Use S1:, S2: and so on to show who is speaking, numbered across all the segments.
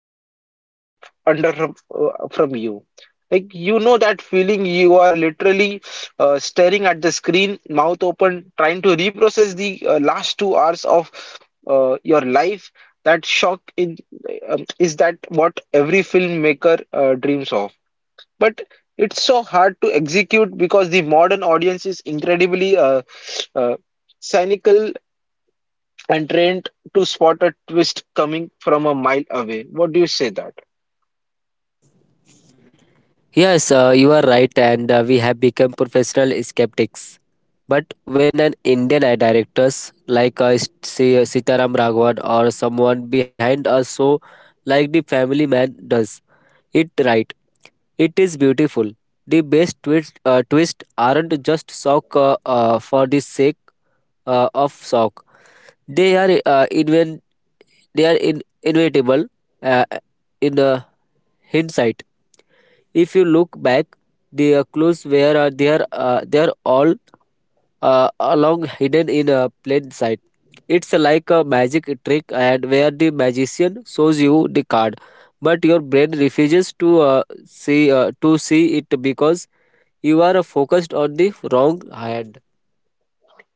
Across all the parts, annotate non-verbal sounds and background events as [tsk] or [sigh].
S1: rug out under from you. Like, you know that feeling, you are literally staring at the screen, mouth open, trying to reprocess the last 2 hours of your life. That shock in Is that what every filmmaker dreams of, but it's so hard to execute because the modern audience is incredibly uh, cynical and trained to spot a twist coming from a mile away? What do you say that?
S2: Yes, you are right, and we have become professional skeptics. But when an Indian ad directors like Sitaram Raghavan or someone behind us so like the Family Man does it right, it is beautiful. The best twist aren't just shock for the sake of shock. They are they are inevitable uh, in hindsight. If you look back, the clues were there. They're all along hidden in plain sight. It's like a magic trick, and where the magician shows you the card, but your brain refuses to see to see it because you are focused on the wrong hand.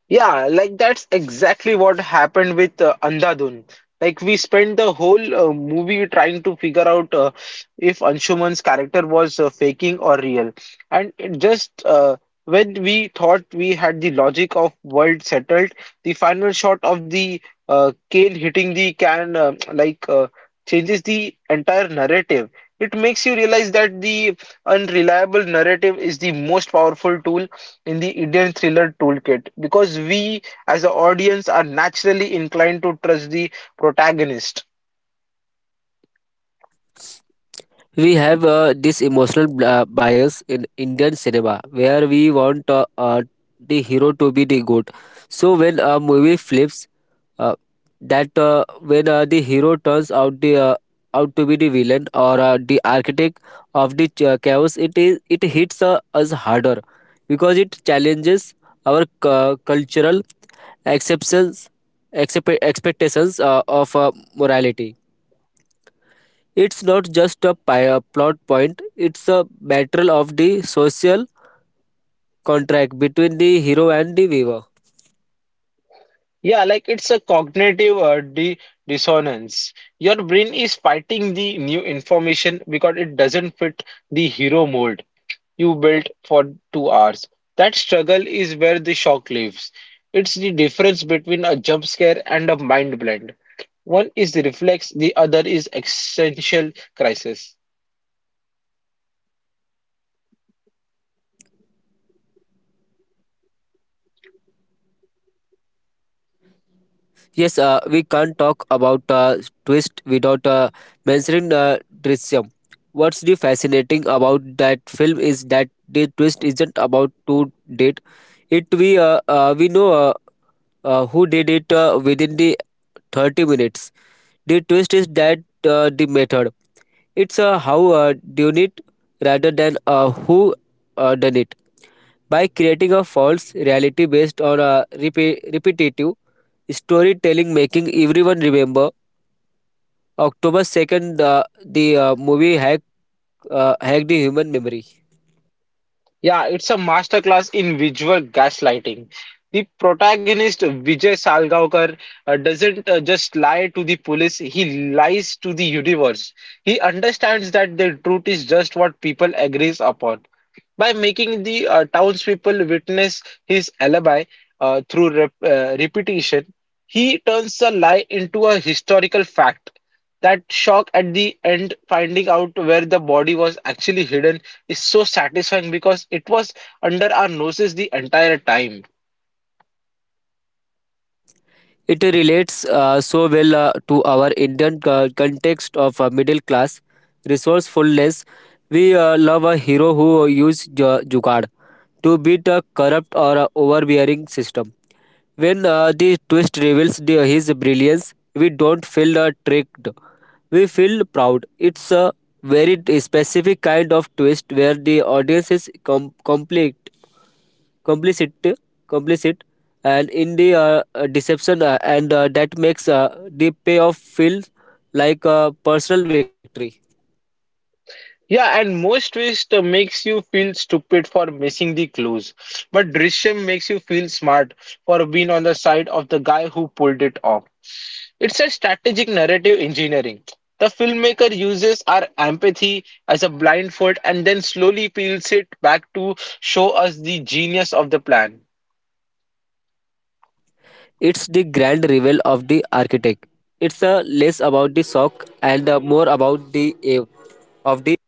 S1: Yeah, like that's exactly what happened with Andhadhun. Like, we spent the whole movie trying to figure out if Anshuman's character was faking or real. And it just when we thought we had the logic of world settled, the final shot of the cane hitting the can [tsk] like changes the entire narrative. It makes you realize that the unreliable narrative is the most powerful tool in the Indian thriller toolkit, because we as the audience are naturally inclined to trust the protagonist.
S2: We have this emotional bias in Indian cinema, where we want the hero to be the good. So when a movie flips uh, that when the hero turns out to be the villain or the architect of the chaos. It is it hits us harder because it challenges our cultural acceptance expectations of morality. It's not just a plot point. It's a battle of the social contract between the hero and the viewer.
S1: Yeah, like it's a cognitive di dissonance. Your brain is fighting the new information because it doesn't fit the hero mold you built for 2 hours. That struggle is where the shock lives. It's the difference between a jump scare and a mind blend. One is the reflex, the other is existential crisis.
S2: Yes, we can't talk about twist without mentioning Drishyam. What's the fascinating about that film is that the twist isn't about to date. It we know who did it within the 30 minutes. The twist is that the method. It's how done it rather than who done it. By creating a false reality based on a repetitive storytelling, making everyone remember October 2nd, the movie hack, hacked the human memory.
S1: Yeah, it's a masterclass in visual gaslighting. The protagonist Vijay Salgaonkar doesn't just lie to the police, he lies to the universe. He understands that the truth is just what people agrees upon by making the townspeople witness his alibi through repetition. He turns the lie into a historical fact. That shock at the end, finding out where the body was actually hidden, is so satisfying because it was under our noses the entire time.
S2: It relates so well to our Indian context of middle class resourcefulness. We love a hero who uses Jugad to beat a corrupt or overbearing system. When the twist reveals his brilliance, we don't feel tricked. We feel proud. It's a very specific kind of twist where the audience is com- complete. Complicit complicit and in the deception, and that makes the payoff feel like a personal victory.
S1: Yeah, and most twist makes you feel stupid for missing the clues, but Drishyam makes you feel smart for being on the side of the guy who pulled it off. It's a strategic narrative engineering. The filmmaker uses our empathy as a blindfold and then slowly peels it back to show us the genius of the plan.
S2: It's the grand reveal of the architect. It's less about the shock and more about the aim of the,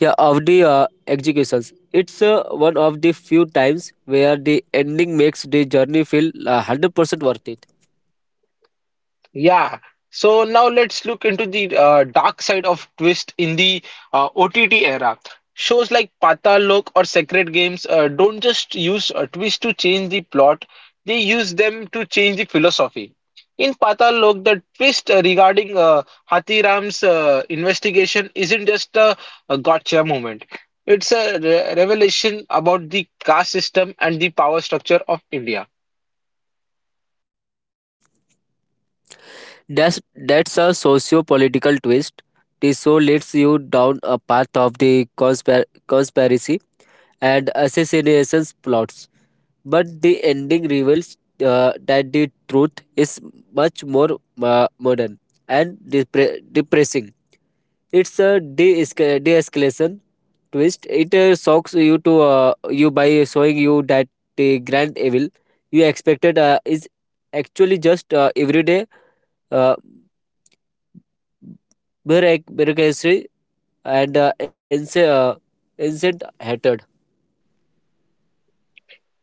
S2: yeah of the executions. It's one of the few times where the ending makes the journey feel 100% worth it.
S1: Yeah. So now let's look into the dark side of Twist in the OTT era. Shows like Patal Lok or Sacred Games don't just use a twist to change the plot, they use them to change the philosophy. In Patal Lok, the twist regarding Hathiram's investigation isn't just a gotcha moment. It's a re revelation about the caste system and the power structure of India.
S2: That's a socio-political twist. The show leads you down a path of the conspiracy and assassinations plots, but the ending reveals that the truth is much more modern and depressing. It's a de de-escalation twist. It shocks you by showing you that the grand evil you expected is actually just everyday. Uh, Bureaucracy and incent hatred.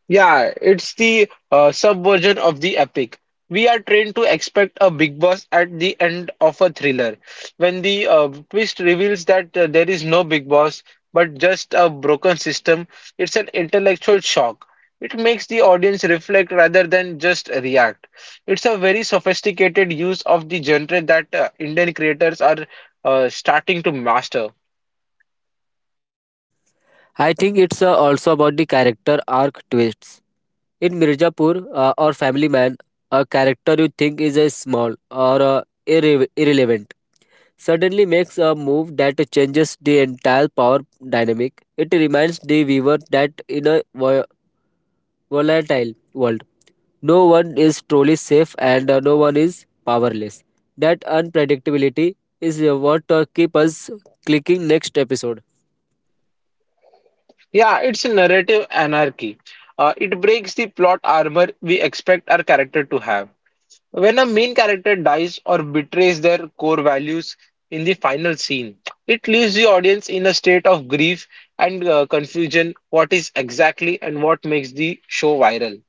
S1: Yeah, it's the subversion of the epic. We are trained to expect a big boss at the end of a thriller. When the twist reveals that there is no big boss, but just a broken system, it's an intellectual shock. It makes the audience reflect rather than just react. It's a very sophisticated use of the genre that Indian creators are starting to master.
S2: I think it's also about the character arc twists. In Mirzapur or Family Man, a character you think is small or irrelevant suddenly makes a move that changes the entire power dynamic. It reminds the viewer that in a volatile world, no one is truly safe and no one is powerless. That unpredictability is what keep us clicking next episode.
S1: Yeah, it's a narrative anarchy. It breaks the plot armor we expect our character to have. When a main character dies or betrays their core values in the final scene, it leaves the audience in a state of grief and confusion what is exactly and what makes the show viral.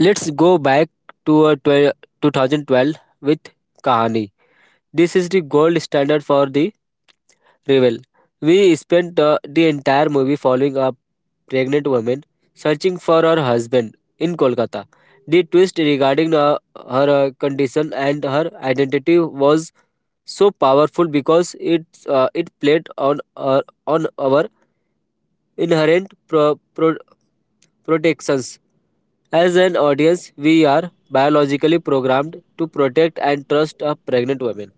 S2: Let's go back to 2012 with Kahani. This is the gold standard for the rival. We spent the entire movie following a pregnant woman searching for her husband in Kolkata. The twist regarding her condition and her identity was so powerful because it played on our inherent protections. As an audience, we are biologically programmed to protect and trust a pregnant woman.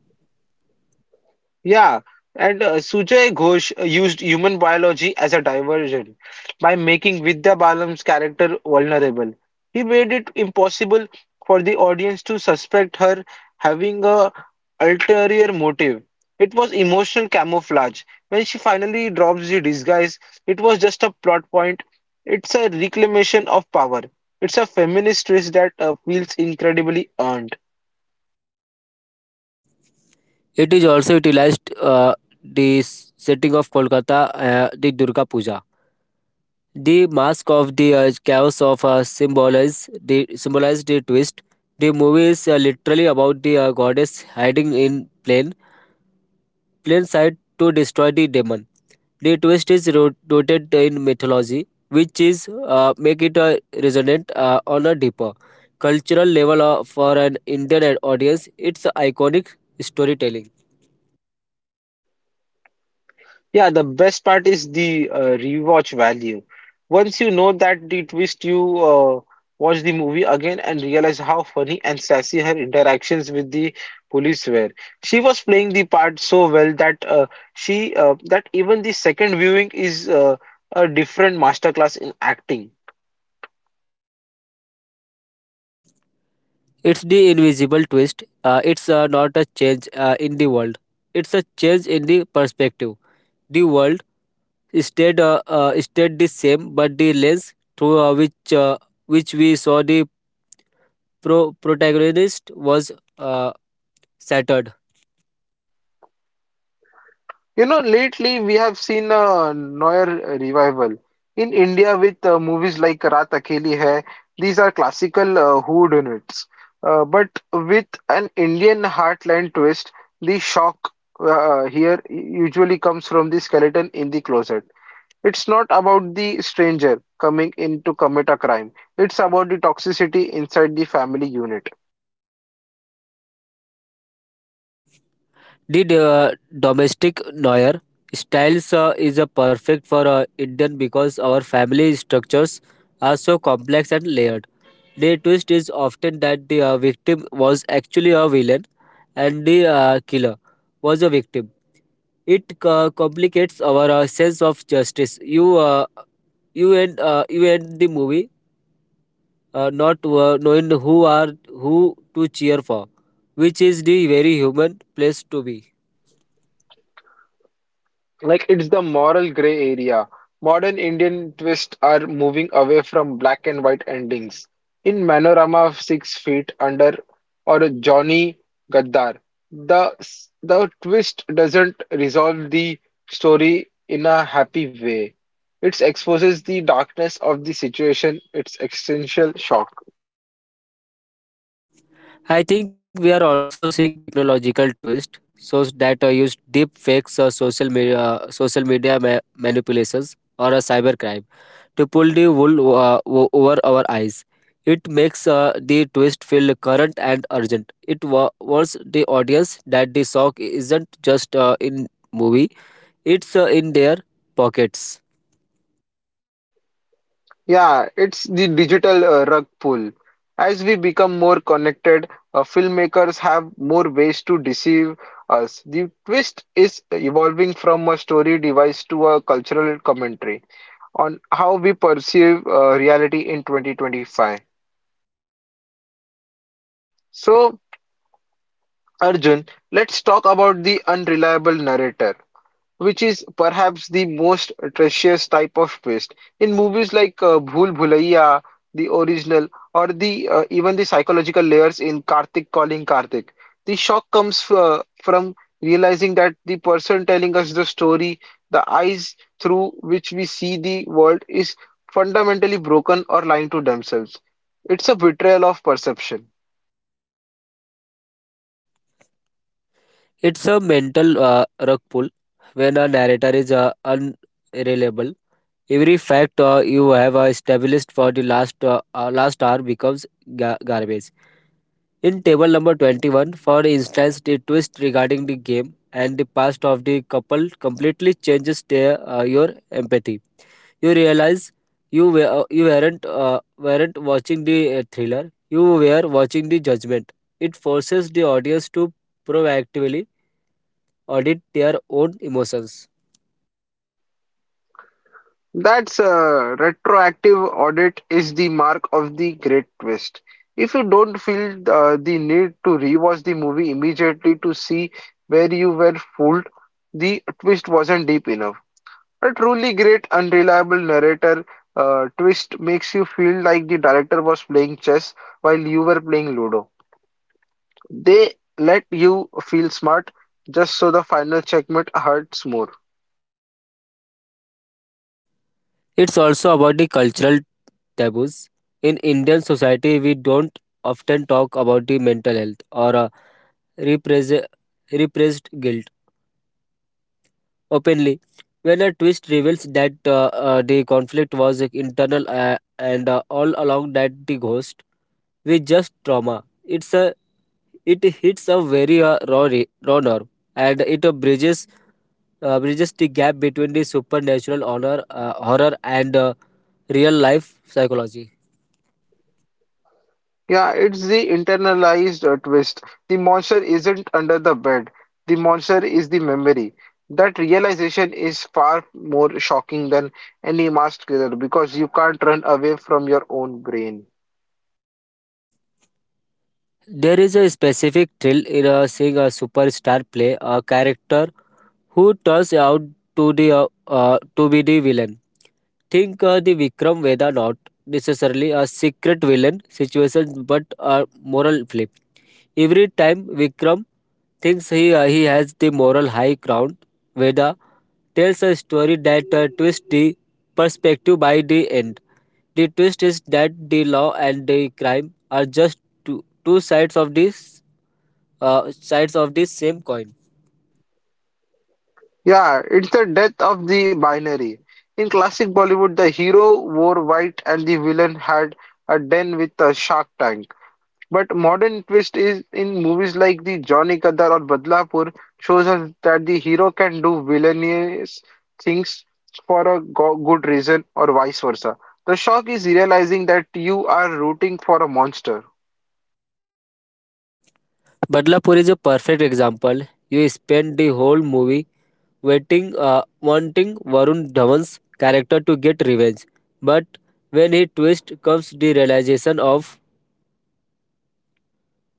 S1: Yeah, and Sujay Ghosh used human biology as a diversion by making Vidya Balan's character vulnerable. He made it impossible for the audience to suspect her having a ulterior motive. It was emotional camouflage. When she finally drops the disguise, it was just a plot point. It's a reclamation of power. It's a feminist twist that feels incredibly earned.
S2: It is also utilized the setting of Kolkata, the Durga Puja. The mask of the chaos of symbolize the twist. The movie is literally about the goddess hiding in plain sight to destroy the demon. The twist is rooted in mythology, which is make it a resonant on a deeper cultural level for an Indian audience. It's iconic storytelling.
S1: Yeah, the best part is the rewatch value. Once you know that the twist, you watch the movie again and realize how funny and sassy her interactions with the police were. She was playing the part so well that she that even the second viewing is a different masterclass in acting.
S2: It's the invisible twist. It's not a change in the world. It's a change in the perspective. The world stayed the same, but the lens through which we saw the protagonist was uh, shattered.
S1: You know, lately we have seen a Noir revival in India with movies like Raat Akheli Hai. These are classical whodunits, but with an Indian heartland twist. The shock here usually comes from the skeleton in the closet. It's not about the stranger coming in to commit a crime. It's about the toxicity inside the family unit.
S2: Did Domestic Noir styles is perfect for Indian because our family structures are so complex and layered. The twist is often that the victim was actually a villain and the killer was a victim. It complicates our sense of justice. You end the movie not knowing who are who to cheer for, which is the very human place to be.
S1: Like, it's the moral gray area. Modern Indian twists are moving away from black and white endings. In Manorama of Six Feet Under or Johnny Gadar, the the twist doesn't resolve the story in a happy way. It exposes the darkness of the situation, its existential shock.
S2: I think we are also seeing technological twist, so that use deep fakes or social media manipulations or a cybercrime to pull the wool over our eyes. It makes the twist feel current and urgent. It warns the audience that the shock isn't just in movie; it's in their pockets.
S1: Yeah, it's the digital rug pull. As we become more connected, filmmakers have more ways to deceive us. The twist is evolving from a story device to a cultural commentary on how we perceive reality in 2025. So, Arjun, let's talk about the unreliable narrator, which is perhaps the most atrocious type of waste. In movies like Bhool Bhulaiya, the original, or the even the psychological layers in *Karthik calling Karthik*, the shock comes from realizing that the person telling us the story, the eyes through which we see the world, is fundamentally broken or lying to themselves. It's a betrayal of perception.
S2: It's a mental rug pull when a narrator is unreliable. Every fact you have established for the last hour becomes garbage. In table number 21, for instance, the twist regarding the game and the past of the couple completely changes your empathy. You realize you weren't watching the thriller. You were watching the judgment. It forces the audience to proactively audit their own emotions.
S1: That's a retroactive audit is the mark of the great twist. If you don't feel the need to rewatch the movie immediately to see where you were fooled, the twist wasn't deep enough. A truly great, unreliable narrator twist makes you feel like the director was playing chess while you were playing Ludo. They let you feel smart just so the final checkmate hurts more.
S2: It's also about the cultural taboos. In Indian society, we don't often talk about the mental health or repress- repressed guilt openly. When a twist reveals that the conflict was internal and all along, that the ghost with just trauma, it hits a very raw nerve and it bridges the gap between the supernatural honor, horror and real life psychology.
S1: Yeah, it's the internalized twist. The monster isn't under the bed. The monster is the memory. That realization is far more shocking than any masked killer because you can't run away from your own brain.
S2: There is a specific thrill in seeing a superstar play a character who turns out to be the villain. Think the Vikram Veda, not necessarily a secret villain situation, but a moral flip. Every time Vikram thinks he has the moral high ground, Veda tells a story that twists the perspective by the end. The twist is that the law and the crime are just two sides of this sides of the same coin.
S1: Yeah, it's the death of the binary. In classic Bollywood, the hero wore white and the villain had a den with a shark tank. But modern twist is in movies like the Johnny Kadar or Badlapur shows us that the hero can do villainous things for a go good reason or vice versa. The shock is realizing that you are rooting for a monster.
S2: Badlapur is a perfect example. You spend the whole movie wanting Varun Dhawan's character to get revenge, but when he twist comes the realization of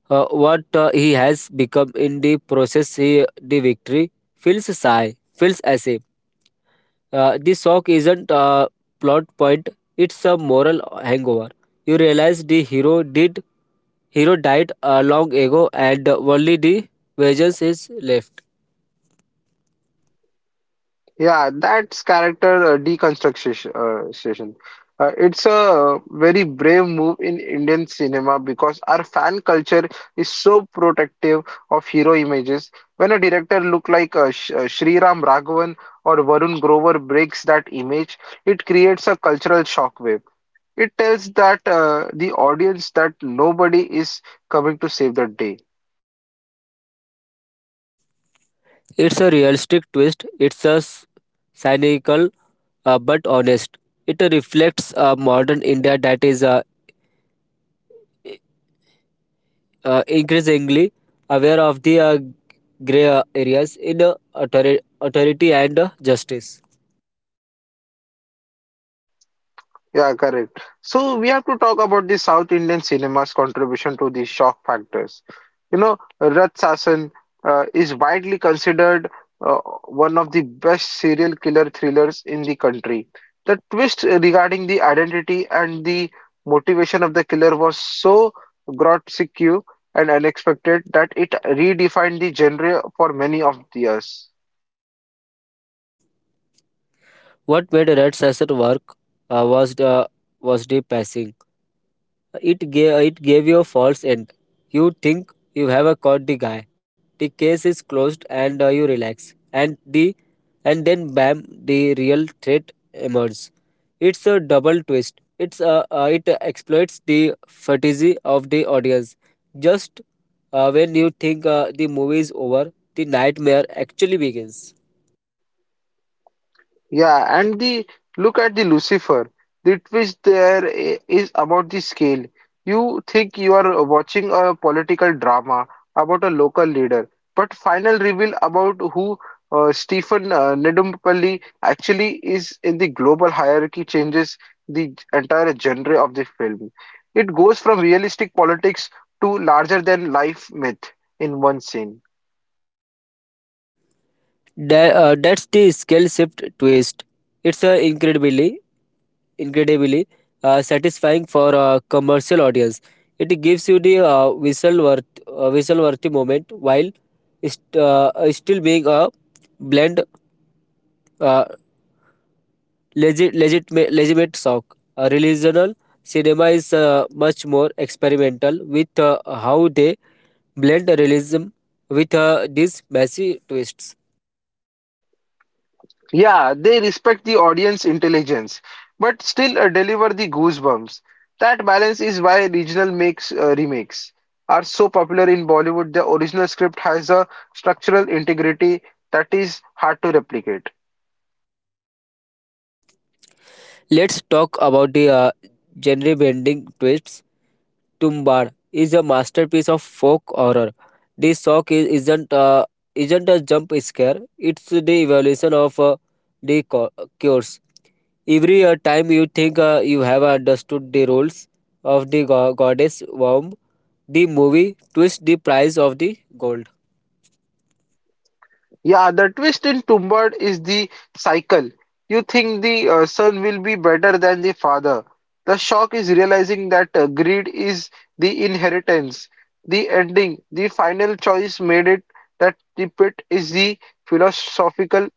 S2: what he has become in the process. The victory feels as if the shock isn't a plot point; it's a moral hangover. You realize the hero did Hero died long ago and only the vengeance is left.
S1: Yeah, that's character deconstruction. Session. It's a very brave move in Indian cinema because our fan culture is so protective of hero images. When a director look like Sh Sriram Raghavan or Varun Grover breaks that image, it creates a cultural shockwave. It tells that the audience that nobody is coming to save the day.
S2: It's a realistic twist, it's a cynical but honest. It reflects a modern India that is increasingly aware of the grey areas in authority and justice.
S1: Yeah, correct. So we have to talk about the South Indian cinema's contribution to the shock factors. You know, Rat Sasan is widely considered uh, one of the best serial killer thrillers in the country. The twist regarding the identity and the motivation of the killer was so grotesque and unexpected that it redefined the genre for many of the years.
S2: What made Red Session work uh, was, the, was the passing. It gave you a false end. You think you have caught the guy. The case is closed, and you relax. And then bam, the real threat emerges. It's a double twist. It exploits the fatigue of the audience. Just when you think the movie is over, the nightmare actually begins.
S1: Yeah, and the look at the Lucifer. The twist there is about the scale. You think you are watching a political drama about a local leader, but final reveal about who Stephen Nedumbapally actually is in the global hierarchy changes the entire genre of the film. It goes from realistic politics to larger than life myth in one scene.
S2: That's the scale shift twist. It's incredibly satisfying for a commercial audience. It gives you the whistle-worthy moment while still being a blend uh, legitimate shock. A Relational cinema is much more experimental with how they blend realism with these messy twists.
S1: Yeah, they respect the audience intelligence, but still deliver the goosebumps. That balance is why regional makes remakes are so popular in Bollywood. The original script has a structural integrity that is hard to replicate.
S2: Let's talk about the genre bending twists. Tumbar is a masterpiece of folk horror. This isn't a jump scare. It's the evolution of the cures. Every time you think you have understood the roles of the goddess worm, the movie twists the price of the gold.
S1: Yeah, the twist in Tombard is the cycle. You think the son will be better than the father. The shock is realizing that greed is the inheritance. The ending, the final choice made it that the pit is the philosophical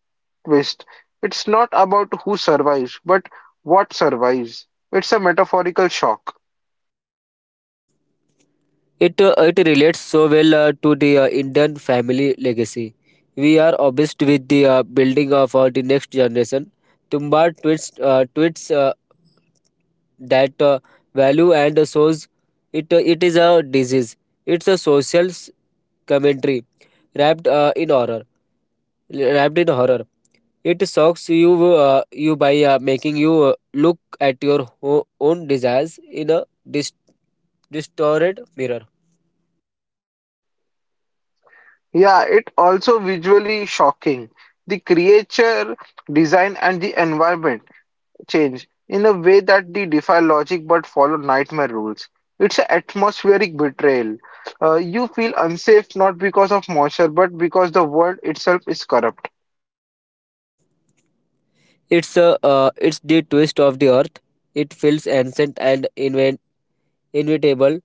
S1: twist. It's not about who survives, but what survives. It's a metaphorical shock.
S2: It relates so well to the Indian family legacy. We are obsessed with the building of the next generation. Tumbar tweets that value and shows it is a disease. It's a social commentary wrapped in horror. Wrapped in horror. It shocks you by making you look at your own desires in a dis- distorted mirror.
S1: Yeah, it also visually shocking. The creature design and the environment change in a way that they defy logic but follow nightmare rules. It's an atmospheric betrayal. You feel unsafe not because of moisture but because the world itself is corrupt.
S2: It's the twist of the earth. It feels ancient and inevitable.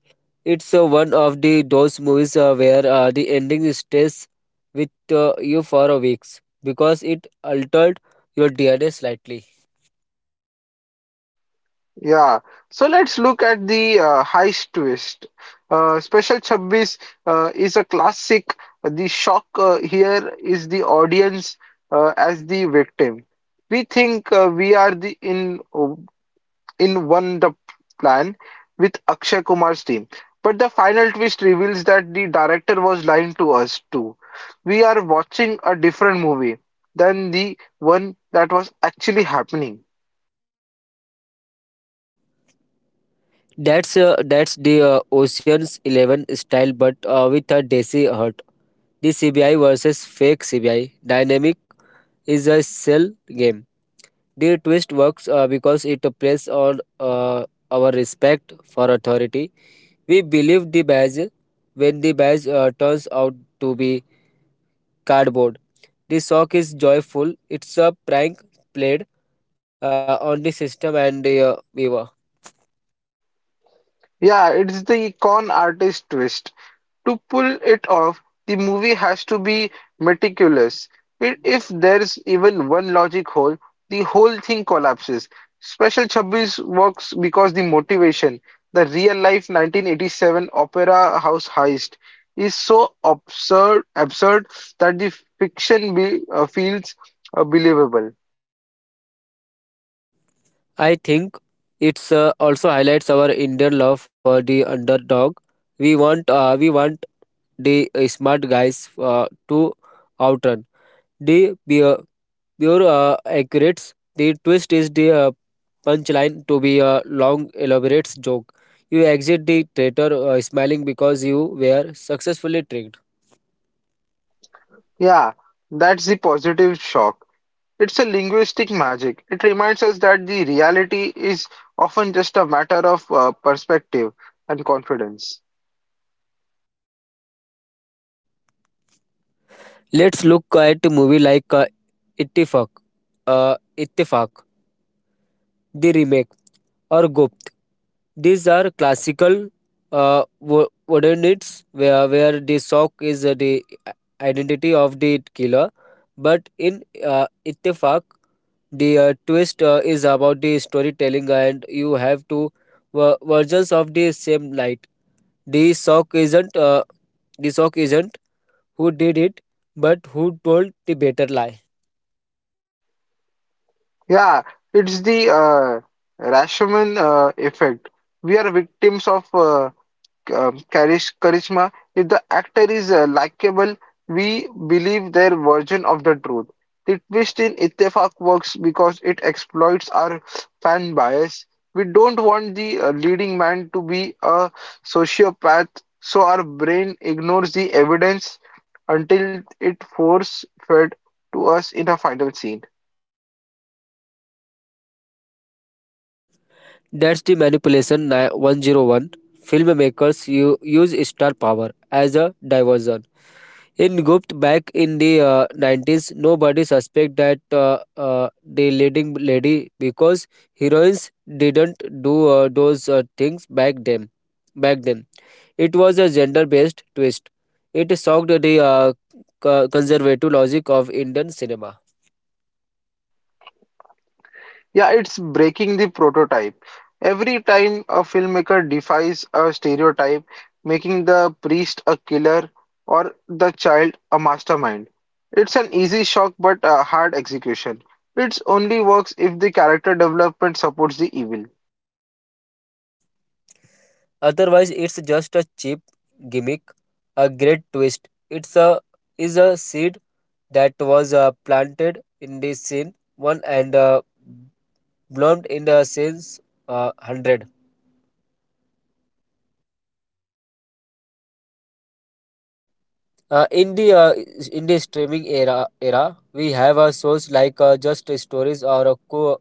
S2: It's one of the those movies where the ending stays with you for a weeks because it altered your DNA slightly.
S1: Yeah. So let's look at the heist twist. Special 26 is a classic. The shock here is the audience as the victim. We think we are the in one, the plan with Akshay Kumar's team. But the final twist reveals that the director was lying to us too. We are watching a different movie than the one that was actually happening.
S2: That's the Ocean's Eleven style, but with a Desi heart. The CBI versus fake CBI dynamic is a cell game. The twist works because it plays on our respect for authority. We believe the badge when the badge turns out to be cardboard. The shock is joyful. It's a prank played on the system and the viewer.
S1: Yeah, it's the con artist twist. To pull it off, the movie has to be meticulous. If there's even one logic hole, the whole thing collapses. Special Chubbies works because the motivation, the real life 1987 opera house heist, is so absurd that the fiction feels believable.
S2: I think it's also highlights our Indian love for the underdog. We want the smart guys to outrun the be- pure accurates. The twist is the punchline to be a long, elaborate joke. You exit the theater smiling because you were successfully tricked.
S1: Yeah, that's the positive shock. It's a linguistic magic. It reminds us that the reality is often just a matter of perspective and confidence.
S2: Let's look at a movie like Ittifaq, uh, Ittifaq, the remake, or Gupt. These are classical wooden where the shock is the identity of the killer. But in Ittifaq, the twist is about the storytelling, and you have two versions of the same light. The shock isn't uh, the shock isn't who did it, but who told the better lie.
S1: Yeah, it's the Rashomon effect. We are victims of charisma. If the actor is likable, we believe their version of the truth. The twist in Ittefaq works because it exploits our fan bias. We don't want the leading man to be a sociopath, so our brain ignores the evidence until it force fed to us in a final scene.
S2: That's the manipulation 101. Filmmakers use star power as a diversion. In Gupt, back in the 90s, nobody suspect that the leading lady, because heroines didn't do those things back then. It was a gender based twist. It shocked the conservative logic of Indian cinema.
S1: Yeah, it's breaking the prototype. Every time a filmmaker defies a stereotype, making the priest a killer or the child a mastermind, it's an easy shock but a hard execution. It only works if the character development supports the evil.
S2: Otherwise, it's just a cheap gimmick. A great twist It's a is a seed that was planted in the scene one and bloomed in the since hundred. In the in the streaming era, we have shows like Just Stories or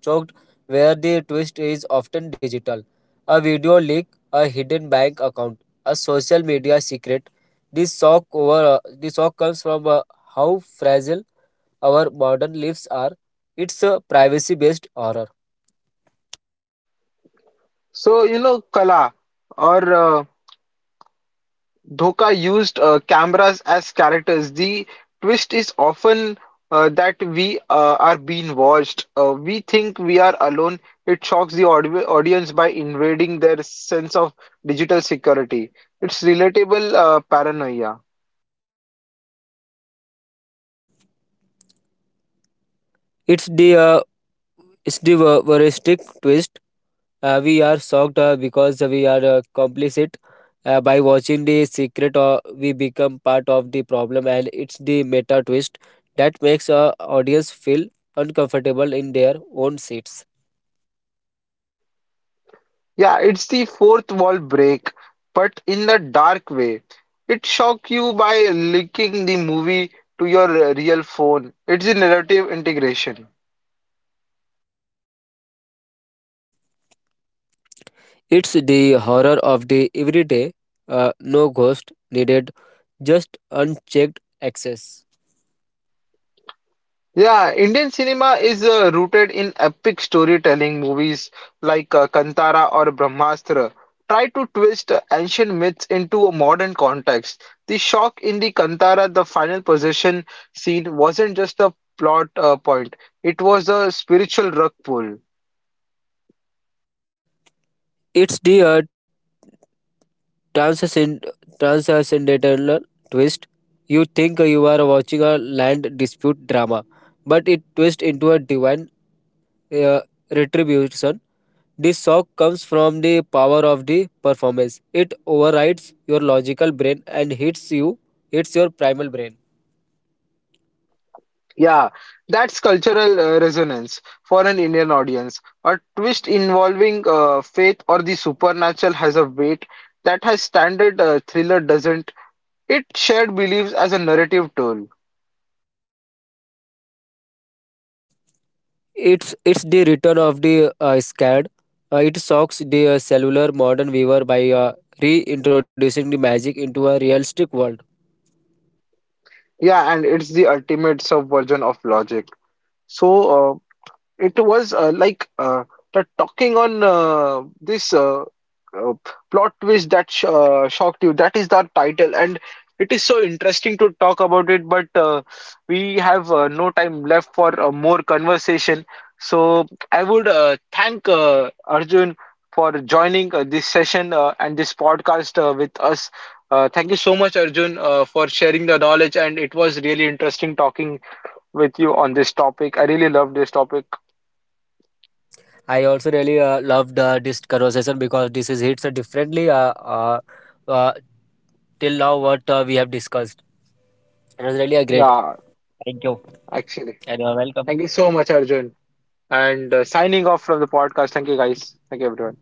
S2: choked, where the twist is often digital. A video leak, a hidden bank account, a social media secret. This shock over the shock comes from how fragile our modern lives are. It's a privacy-based horror.
S1: So, you know, Kala or Dhoka used cameras as characters. The twist is often that we are being watched. We think we are alone. It shocks the audience by invading their sense of digital security. It's relatable paranoia.
S2: It's the uh, it's the voyeuristic twist. We are shocked because we are complicit. By watching the secret, we become part of the problem, and it's the meta twist that makes our audience feel uncomfortable in their own seats.
S1: Yeah, it's the fourth wall break, but in the dark way. It shocks you by linking the movie to your real phone. It's the narrative integration.
S2: It's the horror of the everyday, no ghost needed, just unchecked access.
S1: Yeah, Indian cinema is rooted in epic storytelling. Movies like Kantara or Brahmastra try to twist ancient myths into a modern context. The shock in the Kantara, the final possession scene, wasn't just a plot point, it was a spiritual rug pull.
S2: It's the transcend- transcendental twist. You think you are watching a land dispute drama, but it twists into a divine uh, retribution. This shock comes from the power of the performance. It overrides your logical brain and hits your primal brain.
S1: Yeah, that's cultural resonance for an Indian audience. A twist involving faith or the supernatural has a weight that has standard thriller doesn't. It shared beliefs as a narrative tool.
S2: It's the return of the scared. It shocks the cellular modern viewer by reintroducing the magic into a realistic world.
S1: Yeah, and it's the ultimate subversion of logic. So, it was the talking on this uh, plot twist that sh shocked you. That is the title, and it is so interesting to talk about it. But we have no time left for more conversation. So I would thank Arjun for joining this session and this podcast with us. Thank you so much, Arjun, for sharing the knowledge, and it was really interesting talking with you on this topic. I really love this topic.
S2: I also really loved this conversation, because this is hits differently uh, till now what we have discussed. It was really a great.
S1: Yeah,
S2: Thank you,
S1: actually.
S2: and you're
S1: Thank you
S2: welcome.
S1: so much, Arjun. And Signing off from the podcast. Thank you, guys. Thank you, everyone.